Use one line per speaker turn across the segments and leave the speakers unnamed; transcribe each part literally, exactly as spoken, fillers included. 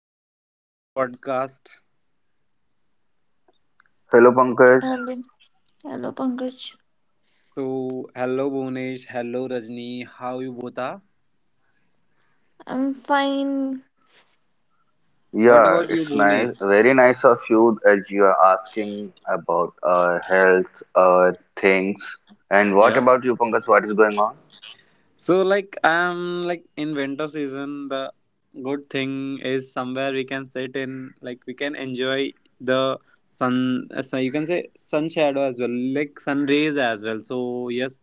welcome to this podcast.
Hello Pankaj.
Alvin. Hello, Pankaj.
So hello Bhunesh, hello Rajni, how you both are?
I'm fine.
What
Yeah,
about you
it's nice,
Bhunesh?
very nice of you as you are asking about uh, health uh, things. And what about you, Pankaj? What is going on?
So like I'm like in winter season the good thing is somewhere we can sit in like we can enjoy the sun, uh, so you can say sun shadow as well, like sun rays as well, so yes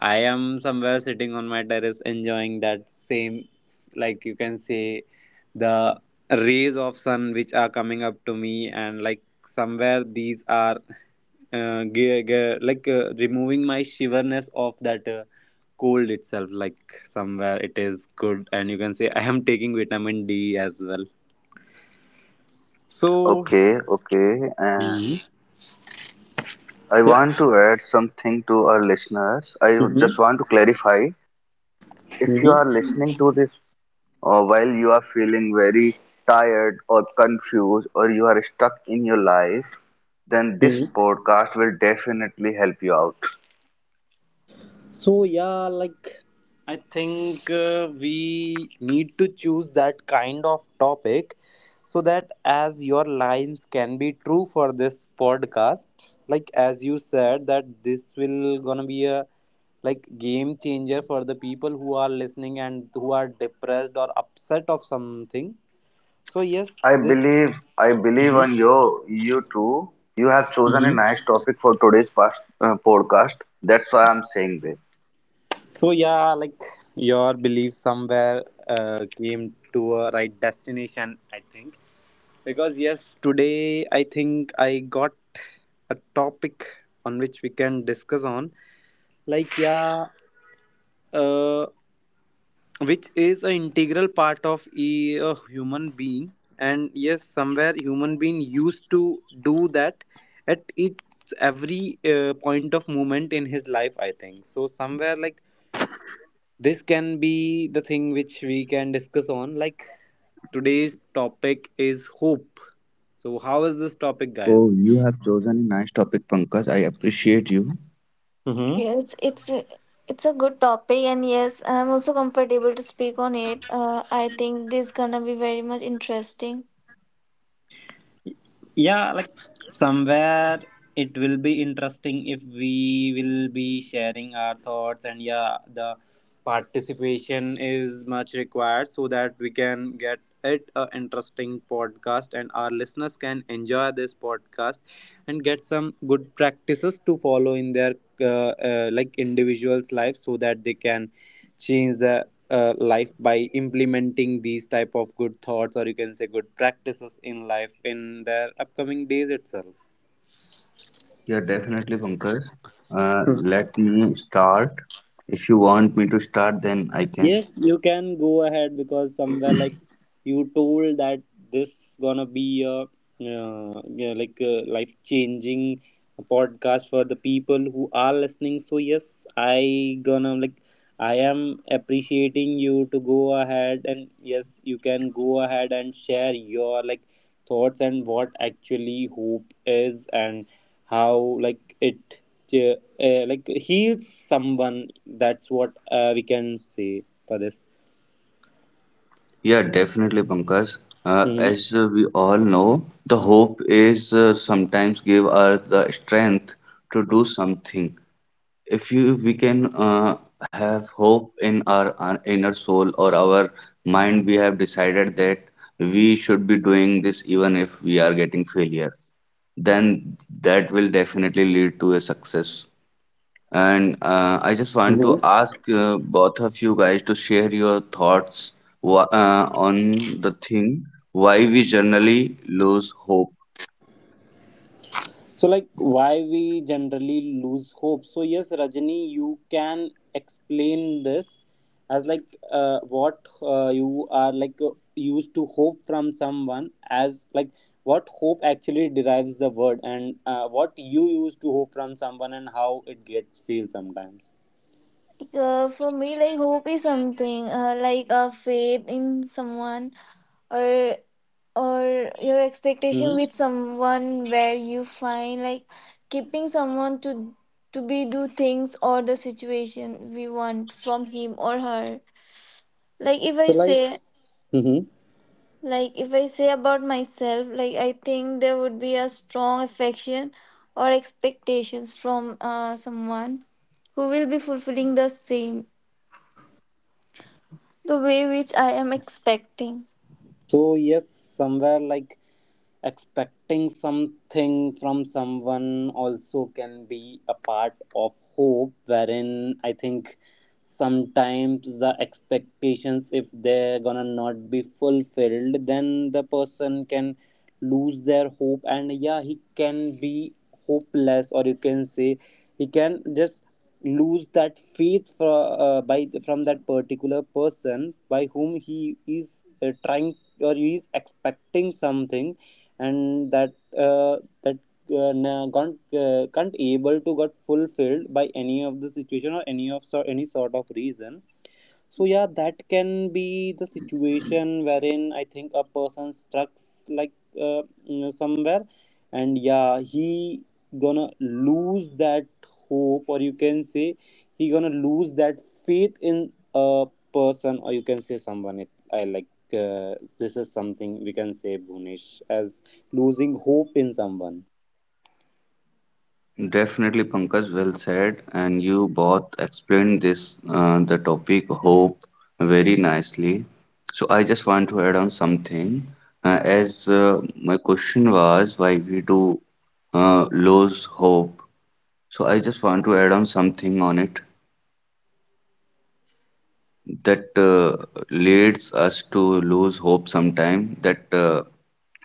I am somewhere sitting on my terrace enjoying that same, like you can say the rays of sun which are coming up to me, and like somewhere these are uh, ge- ge- like uh, removing my shiverness of that uh, cold itself, like somewhere it is good and you can say I am taking vitamin D as well, so.
Okay, okay. Uh, I
Yep.
want to add something to our listeners. I just
Hmm.
want to clarify if you are
Hmm.
listening to this uh, while you are feeling very tired or confused or you are stuck in your life, then this
Hmm.
podcast will definitely help you out.
So yeah, like I think uh, we need to choose that kind of topic so that as your lines can be true for this podcast, like as you said that this will gonna be a like game changer for the people who are listening and who are depressed or upset of something. So yes,
I
this.
believe I believe
Mhm,
on you you too. You have chosen a
mhm.
nice topic for today's past, uh, podcast. That's why I'm saying this.
So yeah, like your belief somewhere uh, came to a right destination, I think. Because yes, today I think I got a topic on which we can discuss on, like yeah, uh, which is an integral part of a, a human being, and yes, somewhere human being used to do that at each every uh, point of moment in his life, I think, so somewhere like this can be the thing which we can discuss on, like today's topic is hope. So
Oh,
how is
you
this
have
topic,
chosen a
guys?
nice topic, Pankaj. I appreciate you.
Yes, it's a, it's a good topic, and yes, I'm also comfortable to speak on it. Uh, I think this gonna be very much interesting.
Yeah, like somewhere it will be interesting if we will be sharing our thoughts, and yeah, the participation is much required so that we can get it a interesting podcast and our listeners can enjoy this podcast and get some good practices to follow in their uh, uh, like individuals life so that they can change the uh, life by implementing these type of good thoughts or you can say good practices in life in their upcoming days itself.
Yeah, definitely, Pankaj. Uh, let me start. If you want me to start, then I can.
Yes, you can go ahead because somewhere like you told that this gonna be a uh, yeah, like a life changing podcast for the people who are listening. So yes, I gonna like I am appreciating you to go ahead and yes, you can go ahead and share your like thoughts and what actually hope is and how like it yeah, uh, like heals someone. That's what uh, we can say for this.
Yeah, definitely, Pankaj. Uh,
Hmm.
as uh, we all know, the hope is uh, sometimes give us the strength to do something. If you we can uh, have hope in our, our inner soul or our mind, we have decided that we should be doing this. Even if we are getting failures, then that will definitely lead to a success. And uh, I just want to
Hmm.
ask uh, both of you guys to share your thoughts wha- uh, on the thing why we generally lose hope.
So, like, why we generally lose hope? So, yes, Rajani, you can explain this as like uh, what uh, you are like uh, used to hope from someone, as like what hope actually derives the word and uh, what you used to hope from someone and how it gets feel sometimes.
Uh, for me, like hope is something uh, like a faith in someone or or your expectation
Hmm.
with someone where you find like keeping someone to to be do things or the situation we want from him or her like if
So,
i
like.
say
Mhm.
Like, if I say about myself, like, I think there would be a strong affection or expectations from uh, someone who will be fulfilling the same, the way which I am expecting.
So, yes, somewhere like expecting something from someone also can be a part of hope, wherein I think sometimes the expectations, if they're gonna not be fulfilled, then the person can lose their hope, and yeah, he can be hopeless, or you can say he can just lose that faith from uh, by from that particular person by whom he is uh, trying or he is expecting something, and that uh, that uh, can't uh, can't able to get fulfilled by any of the situation or any of so any sort of reason, so yeah, that can be the situation wherein I think a person stuck, like uh, you know, somewhere, and yeah, he gonna lose that hope, or you can say he gonna lose that faith in a person, or you can say someone. If I like uh, this is something we can say Bhunesh as losing hope in someone.
Definitely, Pankaj, well said. And you both explained this, uh, the topic hope very nicely. So I just want to add on something. Uh, as uh, my question was, why we do uh, lose hope? So I just want to add on something on it, that uh, leads us to lose hope sometime, that uh,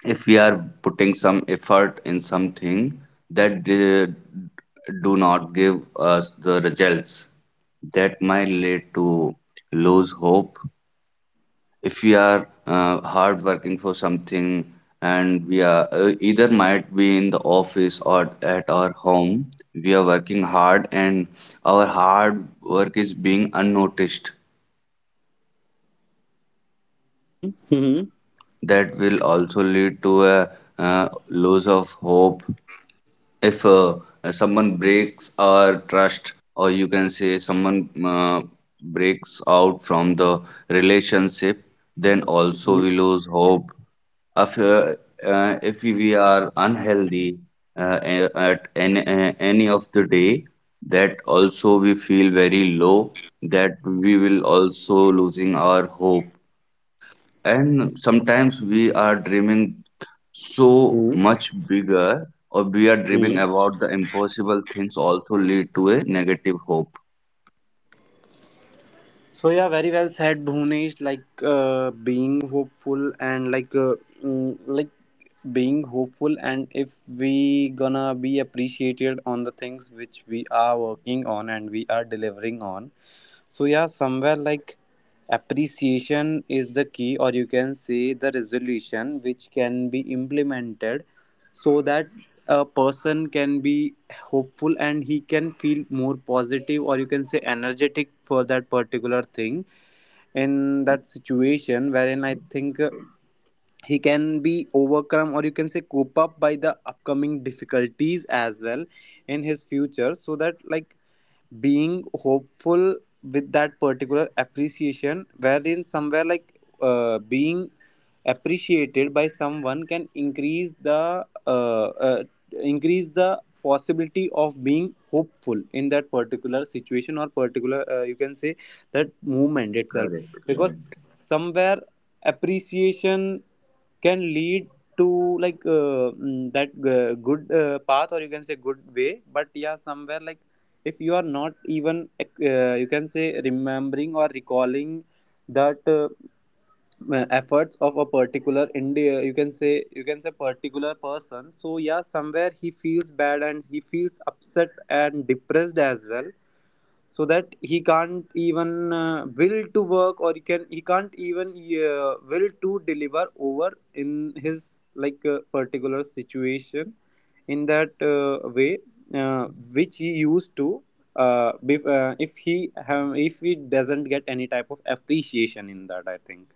if we are putting some effort in something that uh, do not give us the results, that might lead to lose hope. If we are uh, hard working for something, and we are uh, either might be in the office or at our home, we are working hard and our hard work is being unnoticed,
Hmm. Hmm.
that will also lead to a uh, loss of hope. If uh, someone breaks our trust, or you can say someone uh, breaks out from the relationship, then also
Hmm.
we lose hope. If, uh, uh, if we we are unhealthy uh, a- at any, uh, any of the day, that also we feel very low, that we will also losing our hope. And sometimes we are dreaming so much bigger, or we are dreaming
Hmm.
about the impossible things, also lead to a negative hope.
So yeah, very well said, Bhunesh. Like uh, being hopeful and like uh, mm, like being hopeful, and if we gonna be appreciated on the things which we are working on and we are delivering on, so yeah, somewhere like appreciation is the key, or you can say the resolution which can be implemented so that a person can be hopeful and he can feel more positive or you can say energetic for that particular thing in that situation wherein I think uh, he can be overcome or you can say cope up by the upcoming difficulties as well in his future so that like being hopeful with that particular appreciation wherein somewhere like uh, being appreciated by someone can increase the uh, uh, increase the possibility of being hopeful in that particular situation or particular uh, you can say that movement itself
Correct,
because
correct.
somewhere appreciation can lead to like uh, mm, that uh, good uh, path or you can say good way, but yeah somewhere like if you are not even uh, you can say remembering or recalling that uh, uh, efforts of a particular India you can say you can say particular person, so yeah somewhere he feels bad and he feels upset and depressed as well so that he can't even uh, will to work or he can he can't even uh, will to deliver over in his like uh, particular situation in that uh, way uh, which he used to uh, bef- uh, if he have, if he doesn't get any type of appreciation in that I think.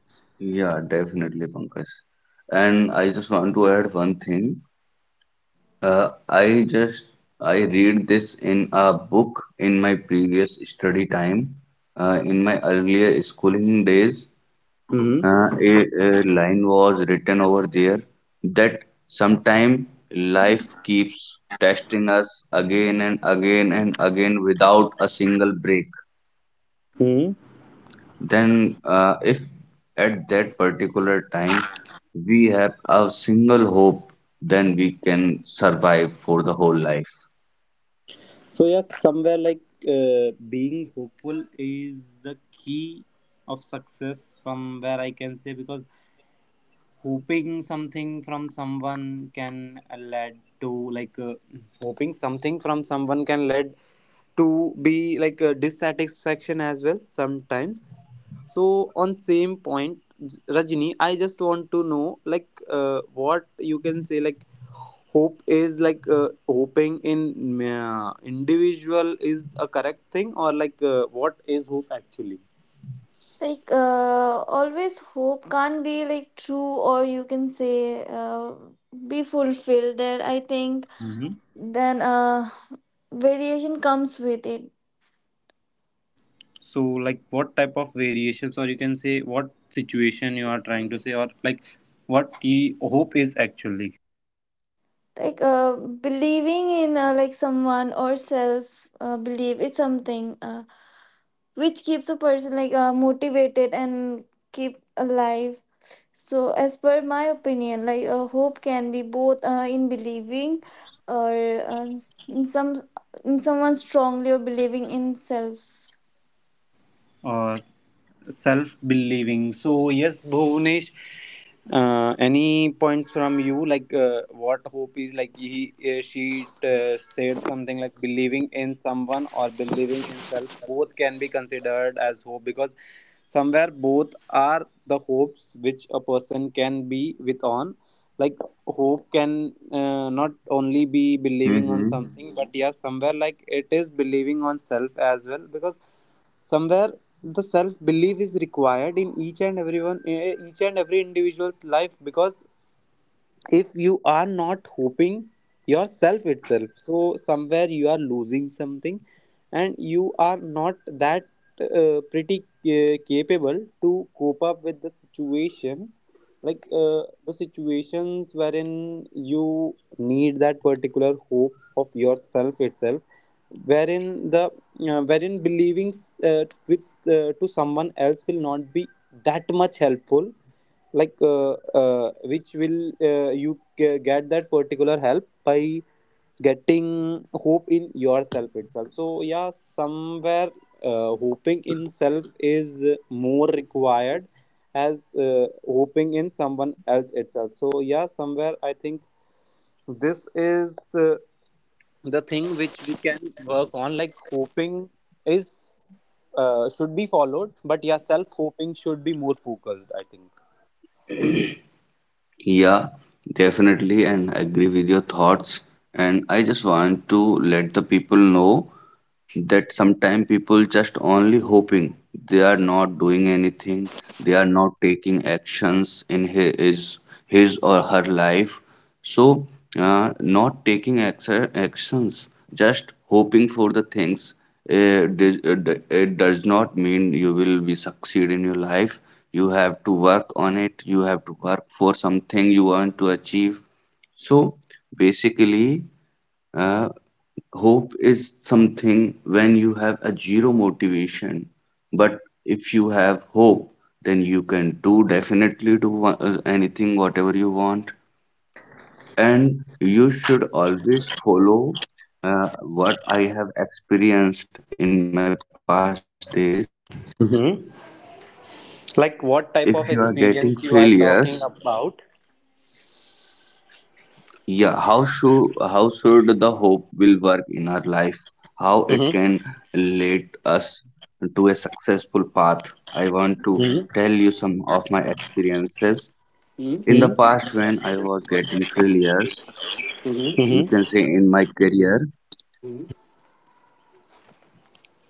Yeah, definitely, Pankaj. And I just want to add one thing. Uh, I just I read this in a book in my previous study time, uh, in my earlier schooling days.
Hmm.
uh, a, a line was written over there that sometime life keeps testing us again and again and again without a single break.
Hmm.
Then, uh, if at that particular time we have a single hope, then we can survive for the whole life.
So yes somewhere like uh, being hopeful is the key of success somewhere I can say because hoping something from someone can uh, lead to like uh, hoping something from someone can lead to be like a dissatisfaction as well sometimes, so on same point J- rajini I just want to know like uh, what you can say like hope is like uh, hoping in uh, individual is a correct thing or like uh, what is hope actually.
Like, uh, Always hope can't be like true, or you can say, uh, be fulfilled. There, I think, then, uh, variation comes with it
So, like, what type of variations, or you can say, what situation you are trying to say, or like, what you hope is actually,
like uh, believing in uh, like someone or self uh, believe is something uh, which keeps a person like uh, motivated and keep alive, so as per my opinion, like uh, hope can be both uh, in believing or uh, in some in someone strongly or believing in self.
or self believing. So, yes, Bhunesh, uh, any points from you? Like, uh, what hope is like he, uh, she uh, said something like believing in someone or believing in self, both can be considered as hope because somewhere both are the hopes which a person can be with on. Like, hope can uh, not only be believing on
Hmm
something, but yeah, somewhere like it is believing on self as well because somewhere the self belief is required in each and everyone eh, each and every individual's life because if you are not hoping yourself itself so somewhere you are losing something and you are not that uh, pretty uh, capable to cope up with the situation like uh, the situations wherein you need that particular hope of yourself itself wherein the uh, wherein believing uh, with uh, to someone else will not be that much helpful like uh, uh, which will uh, you ge- get that particular help by getting hope in yourself itself, so yeah somewhere uh, hoping in self is more required as uh, hoping in someone else itself, so yeah somewhere I think this is the, the thing which we can work on like hoping is uh, should be followed but yeah self hoping should be more focused I
yeah, definitely, and I agree with your thoughts. And I just want to let the people know that sometimes people just only hoping, they are not doing anything, they are not taking actions in his his or her life. So uh, not taking acti- actions, just hoping for the things, eh, does- eh, d- it does not mean you will be succeed in your life. You have to work on it, you have to work for something you want to achieve. So basically, uh, hope is something when you have a zero motivation, but if you have hope, then you can do definitely do wha- uh, anything whatever you want. And you should always follow uh, what I have experienced in my past days.
think.
If you are getting
Like what
failures,
type of experience you are talking about?
yeah, how should how should the hope will work in our life? How it can
Mm-hmm.
lead us to a successful path? I want to tell
Mm-hmm.
you some of my experiences in the past when I was getting failures. You
Mm-hmm.
can say in my career,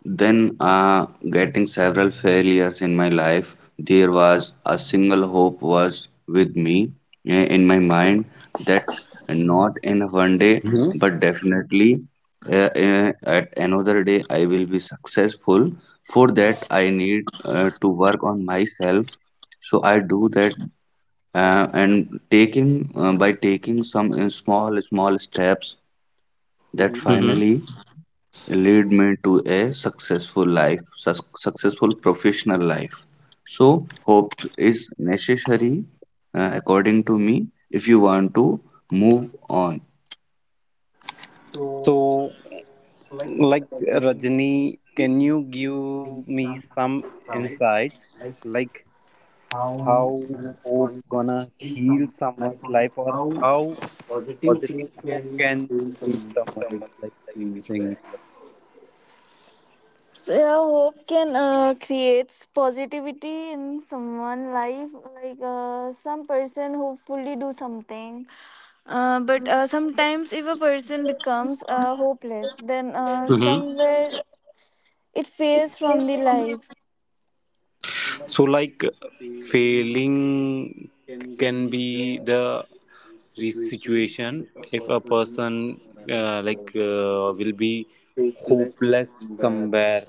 then, uh, getting several failures in my life, there was a single hope was with me eh, in my mind that not in one day,
Mm-hmm.
but definitely uh, uh, at another day I will be successful. For that, I need uh, to work on myself. So I do that, uh, and taking uh, by taking some uh, small small steps that
Mm-hmm.
finally lead me to a successful life, sus- successful professional life. So, hope is necessary uh, according to me if you want to move on.
So, like Rajni, can you give me some insights, like how hope gonna heal someone's life, or how positive hope can change someone's like thing itself?
So yeah, hope can uh, creates positivity in someone life, like uh, some person hopefully do something, uh, but uh, sometimes if a person becomes uh, hopeless, then uh,
Mm-hmm.
somewhere it fades from the life.
So, like failing can be the re- situation if a person uh, like uh, will be hopeless somewhere,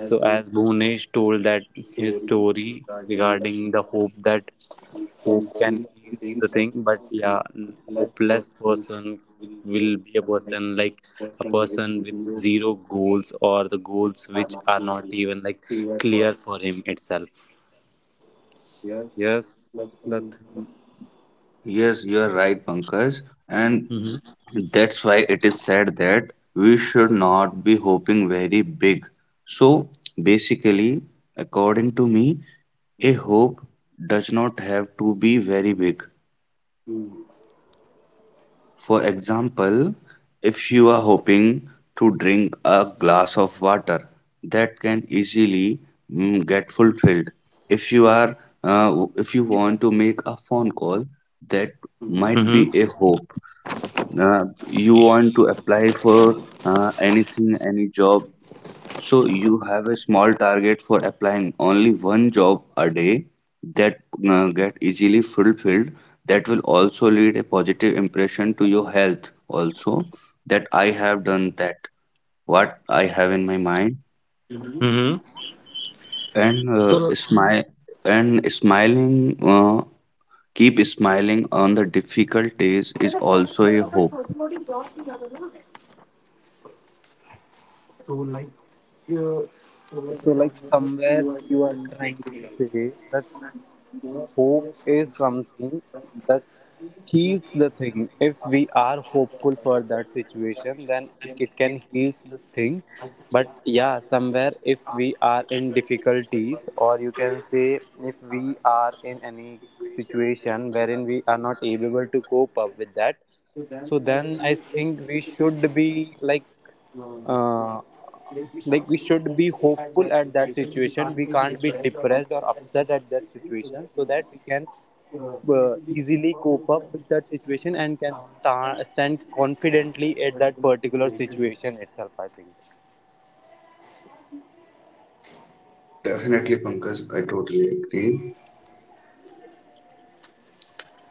so as Bhunesh told that his story regarding the hope that hope can heal the thing but yeah n- hopeless person will be a person like a person with zero goals or the goals which are not even like clear for him itself, yes nothing.
Yes, you are right, Pankaj, and
Mm-hmm.
that's why it is said that we should not be hoping very big. So, basically, according to me, a hope does not have to be very big. For example, if you are hoping to drink a glass of water, that can easily mm, get fulfilled. If you are uh, if you want to make a phone call, that might be a hope. Uh, you want to apply for uh, anything, any job, so you have a small target for applying only one job a day, that uh, get easily fulfilled. That will also lead a positive impression to your health also, that I have done that, what I have in my mind.
Mm-hmm.
And uh, smile and smiling, uh, keep smiling on the difficult days is also a hope.
So, like, somewhere you are trying to say that hope is something that heals the thing. If we are hopeful for that situation, then it can heals the thing. But yeah, somewhere if we are in difficulties, or you can say if we are in any situation wherein we are not able to cope up with that, so then I think we should be like uh, like we should be hopeful at that situation. We can't be depressed or upset at that situation, so that we can uh, easily cope up with that situation and can sta stand confidently at that particular situation itself, I think.
Definitely, Pankaj, I totally agree.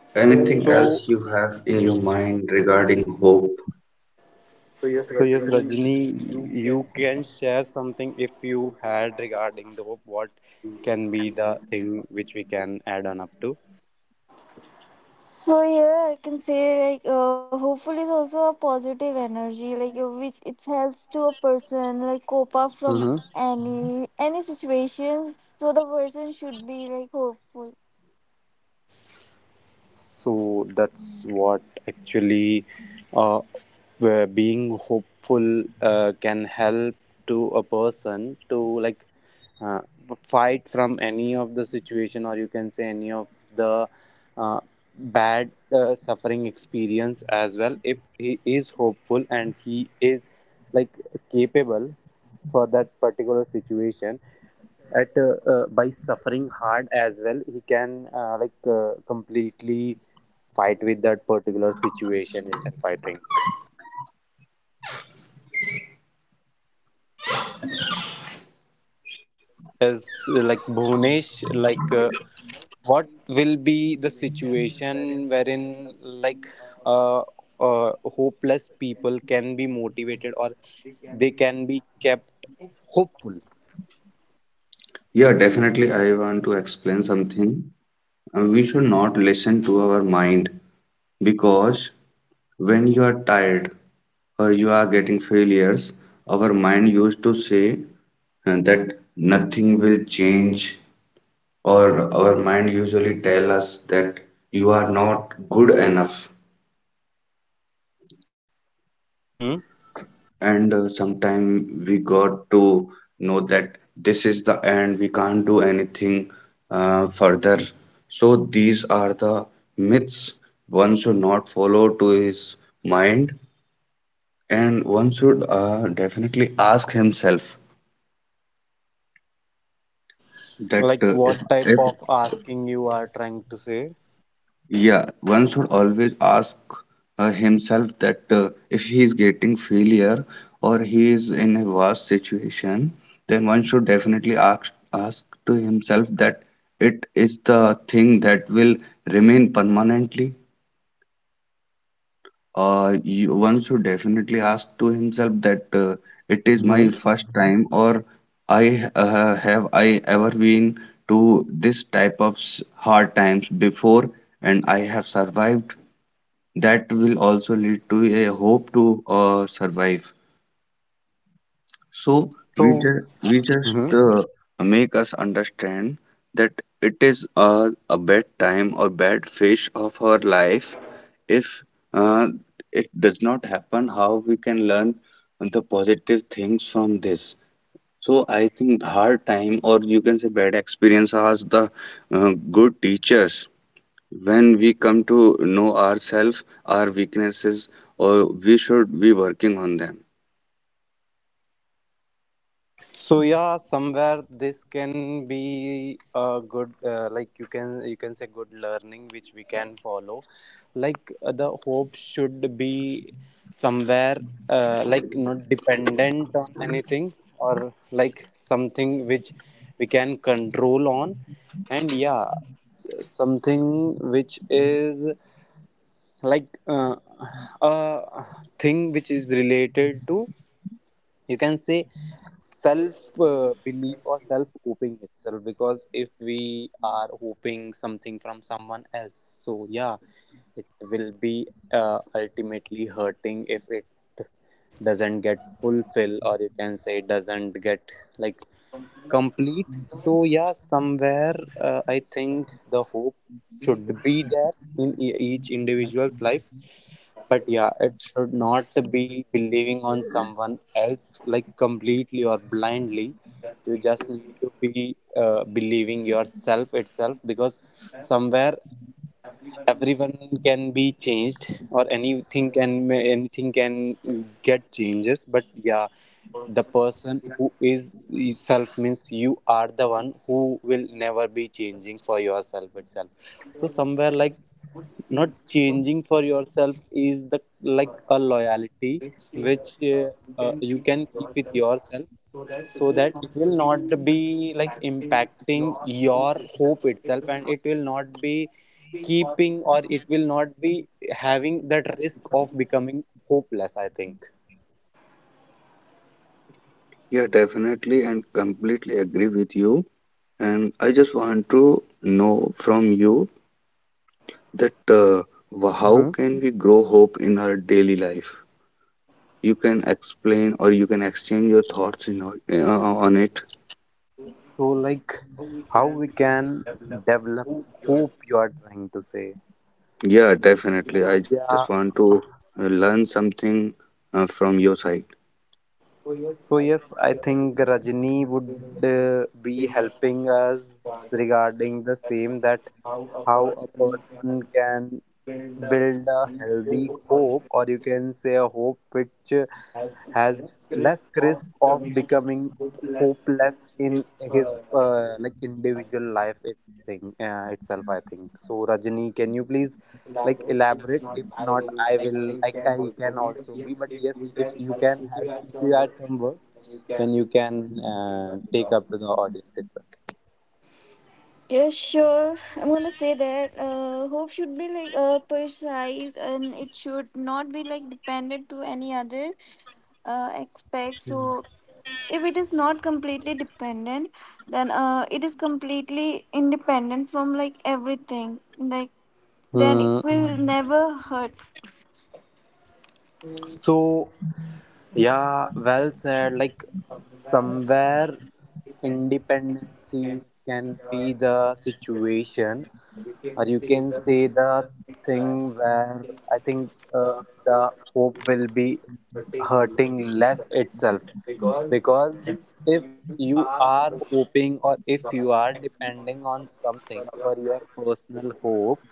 Anything else
so
you have in your mind regarding hope?
so yes Rajni, you can share something if you had, regarding the what can be the thing which we can add on up
So here I can say like uh, hopeful is also a positive energy, like uh, which it helps to a person like cope up from
to.
any any situations. So the person should be like hopeful.
So that's what, actually, uh, where being hopeful uh, can help to a person to like uh, fight from any of the situation, or you can say any of the uh, bad uh, suffering experience as well, if he is hopeful and he is like capable for that particular situation. At uh, uh, by suffering hard as well, he can uh, like uh, completely fight with that particular situation itself, I think. As uh, like Bhunesh, like uh, what will be the situation wherein, like, uh, uh, hopeless people can be motivated, or they can be kept hopeful.
Yeah, definitely. I want to explain something. Uh, We should not listen to our mind because when you are tired or you are getting failures, our mind used to say uh, that nothing will change, or our mind usually tell us that you are not good enough.
Hmm.
And uh, sometime we got to know that this is the end, we can't do anything uh, further. So these are the myths one should not follow to his mind, and one should uh, definitely ask himself that
Like,
uh, if,
what type
if
of asking you are trying to say?
yeah, one should always ask uh, himself that uh, if he is getting failure or he is in a worse situation, then one should definitely ask ask to himself that it is the thing that will remain permanently. Uh, you, one should definitely ask to himself that uh, it is my
Hmm.
first time, or I uh, have I ever been to this type of s- hard times before and I have survived, that will also lead to a hope to uh, survive. So we
so
just we just uh, make us understand that it is uh, a bad time or bad phase of our life. If uh, it does not happen, how we can learn the positive things from this? So I think hard time, or you can say bad experience, as the uh, good teachers, when we come to know ourselves our weaknesses, or we should be working on them.
so yeah, somewhere this can be a good uh, like, you can, you can say, good learning which we can follow. Like, uh, the hope should be somewhere uh, like not dependent on anything, or like something which we can control on. And yeah, s- something which is like uh, a thing which is related to, you can say, self uh, belief or self hoping itself, because if we are hoping something from someone else, so yeah, it will be uh, ultimately hurting if it doesn't get fulfilled, or you can say doesn't get like complete. So yeah, somewhere uh, I think the hope should be there in e- each individual's life. But yeah, it should not be believing on someone else like completely or blindly. You just need to be uh, believing yourself itself, because somewhere everyone can be changed, or anything can, anything can get changes. But yeah, the person who is self, means you are the one who will never be changing for yourself itself. So somewhere, like, not changing for yourself is the like a loyalty which uh, uh, you can keep with yourself, so that it will not be like impacting your hope itself, and it will not be keeping, or it will not be having that risk of becoming hopeless, I think.
Yeah, definitely, and completely agree with you, and I just want to know from you that uh, wh- how can we grow hope in our daily life? You can explain or you can exchange your thoughts in, o- uh, on it.
So, like, how we can develop hope, you are trying to say.
Yeah,
So,
definitely, I just
yeah.
want to uh, learn something uh, from your side.
So, yes, I think Rajni would uh, be helping us regarding the same, that how a person can build a healthy hope, or you can say a hope which uh, has less risk of becoming hopeless in his uh, like individual life it thing uh, itself, I think. So Rajani, can you please like elaborate? If not, I will like, I can also be, but yes, if you can add, if you add some words, then you can uh, take up to the audience itself.
Yeah, sure. I'm gonna say that uh, hope should be like uh, precise and it should not be like dependent to any other uh, aspect. So if it is not completely dependent, then uh, it is completely independent from like everything. Like then it
Mm,
will never hurt.
so yeah, well said. Like, somewhere independency can be the situation, or you can say the thing where I think uh, the hope will be hurting less itself, because if you are hoping, or if you are depending on something for your personal hope,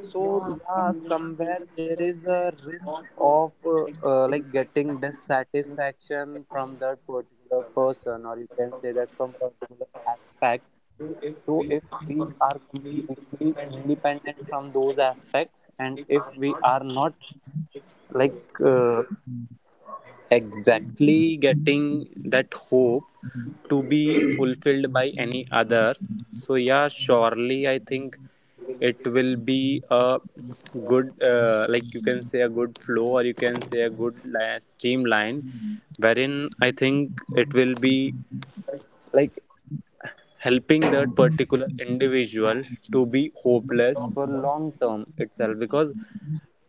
so yeah, somewhere there is a risk of uh, uh, like getting dissatisfaction from that particular person, or you can say that from particular aspect. So if we are completely independent from those aspects, and if we are not like uh, exactly getting that hope to be fulfilled by any other, so yeah, surely I think it will be a good, uh, like you can say, a good flow, or you can say a good li- streamline, wherein I think it will be like helping that particular individual to be hopeless for long term itself, because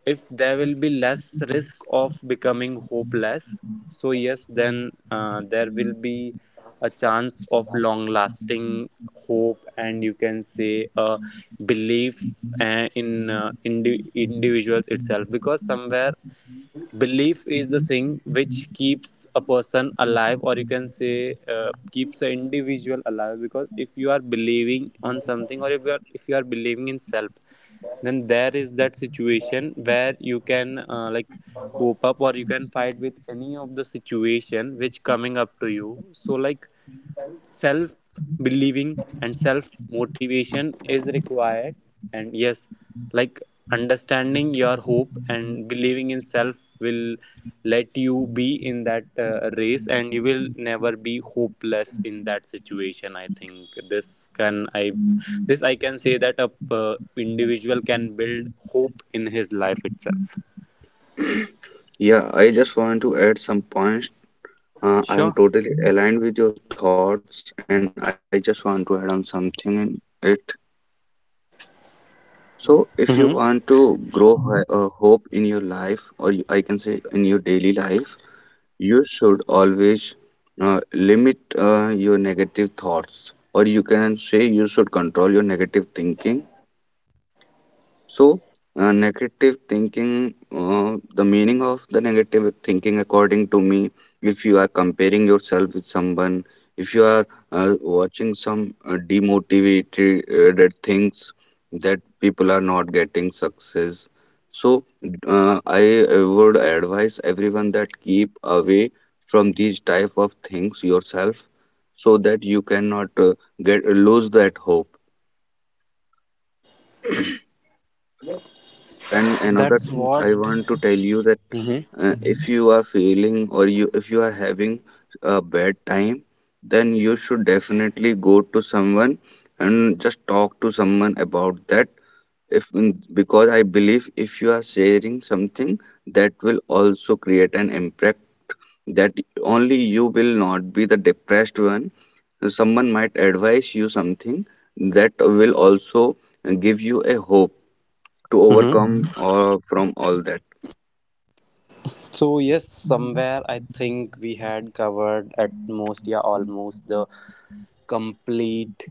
if there will be less risk of becoming hopeless, so yes, then uh, there will be a chance of long lasting hope, and you can say a belief uh, in uh, indi- individuals itself, because somewhere belief is the thing which keeps a person alive, or you can say uh, keeps an individual alive, because if you are believing on something, or if you are, if you are believing in self, then there is that situation where you can uh, like cope up, or you can fight with any of the situation which coming up to you. So like, self believing and self motivation is required. And yes, like, understanding your hope and believing in self will let you be in that uh, race, and you will never be hopeless in that situation, I think. This can i this i can say that a uh, individual can build hope in his life itself.
Yeah, I just want to add some points. Uh, I am
Sure.
totally aligned with your thoughts, and I just want to add on something in it. So, if you want to
Mm-hmm.
grow hi- uh, hope in your life, or you, I can say, in your daily life, you should always uh, limit uh, your negative thoughts, or you can say you should control your negative thinking. So, uh, negative thinking, uh, the meaning of the negative thinking, according to me, if you are comparing yourself with someone, if you are uh, watching some uh, demotivated things that people are not getting success. So, uh, I uh, would advise everyone that keep away from these type of things yourself so that you cannot uh, get lose that hope.
Yes,
And another
that's
thing
what.
I want to tell you that
Mm-hmm.
uh, if you are feeling, or you if you are having a bad time, then you should definitely go to someone and just talk to someone about that. If mm, because I believe if you are sharing something, that will also create an impact that only you will not be the depressed one. Someone might advise you something, that will also give you a hope to overcome or from all that.
So yes, somewhere I think we had covered at most, yeah, almost the complete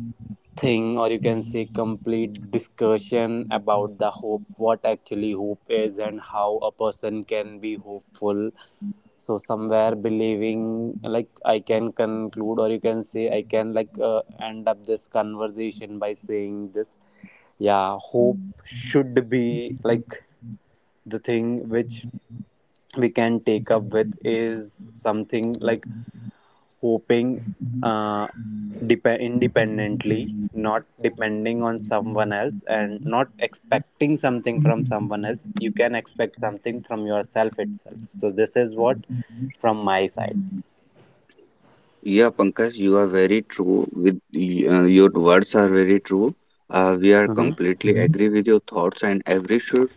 thing, or you can say complete discussion about the hope, what actually hope is, and how a person can be hopeful. So somewhere believing, like, I can conclude, or you can say I can like uh, end up this conversation by saying this. Yeah, hope should be like the thing which we can take up with, is something like hoping uh, dep- independently, not depending on someone else, and not expecting something from someone else. You can expect something from yourself itself. So this is what from my side.
Yeah, Pankaj, you are very true with y- uh, your words are very true. Uh, we are
Hmm.
completely agree with your thoughts, and every should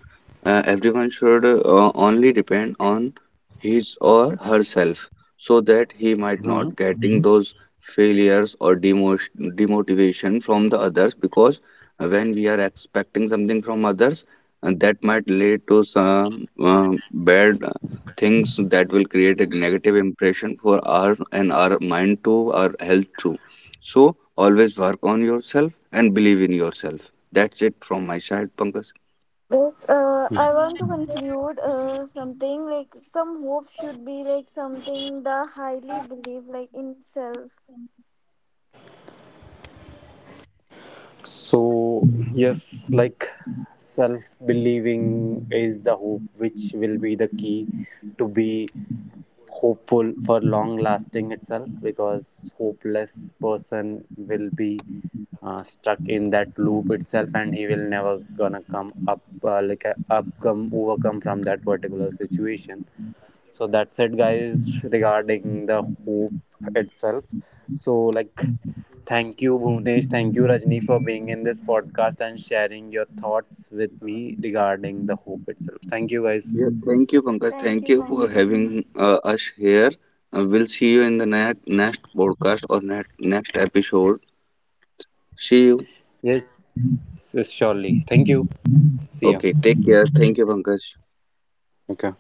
uh, everyone should uh, only depend on his or herself so that he might
Hmm.
not getting those failures or demot demotivation from the others, because when we are expecting something from others, and that might lead to some uh, bad things that will create a negative impression for our and our mind too, our health too. So always work on yourself and believe in yourself. That's it from my side, Pankaj.
This uh, I want to conclude uh, something like some hope should be like something the highly believe like in self.
So yes, like, self believing is the hope which will be the key to be hopeful for long lasting itself, because hopeless person will be uh, stuck in that loop itself, and he will never gonna come up uh, like uh, up come overcome from that particular situation. So that's it guys, regarding the hope itself. So like, thank you Bhuvnesh, thank you Rajni, for being in this podcast and sharing your thoughts with me regarding the hope itself. Thank you guys.
Yeah, thank you, Pankaj.
Thank
Thank
you,
you for
Pankaj.
having uh, us here. Uh, we'll see you in the ne- next podcast or ne- next episode. See you.
Yes, s- surely, thank you. See ya.
Okay, take care. Thank you, Pankaj.
Okay.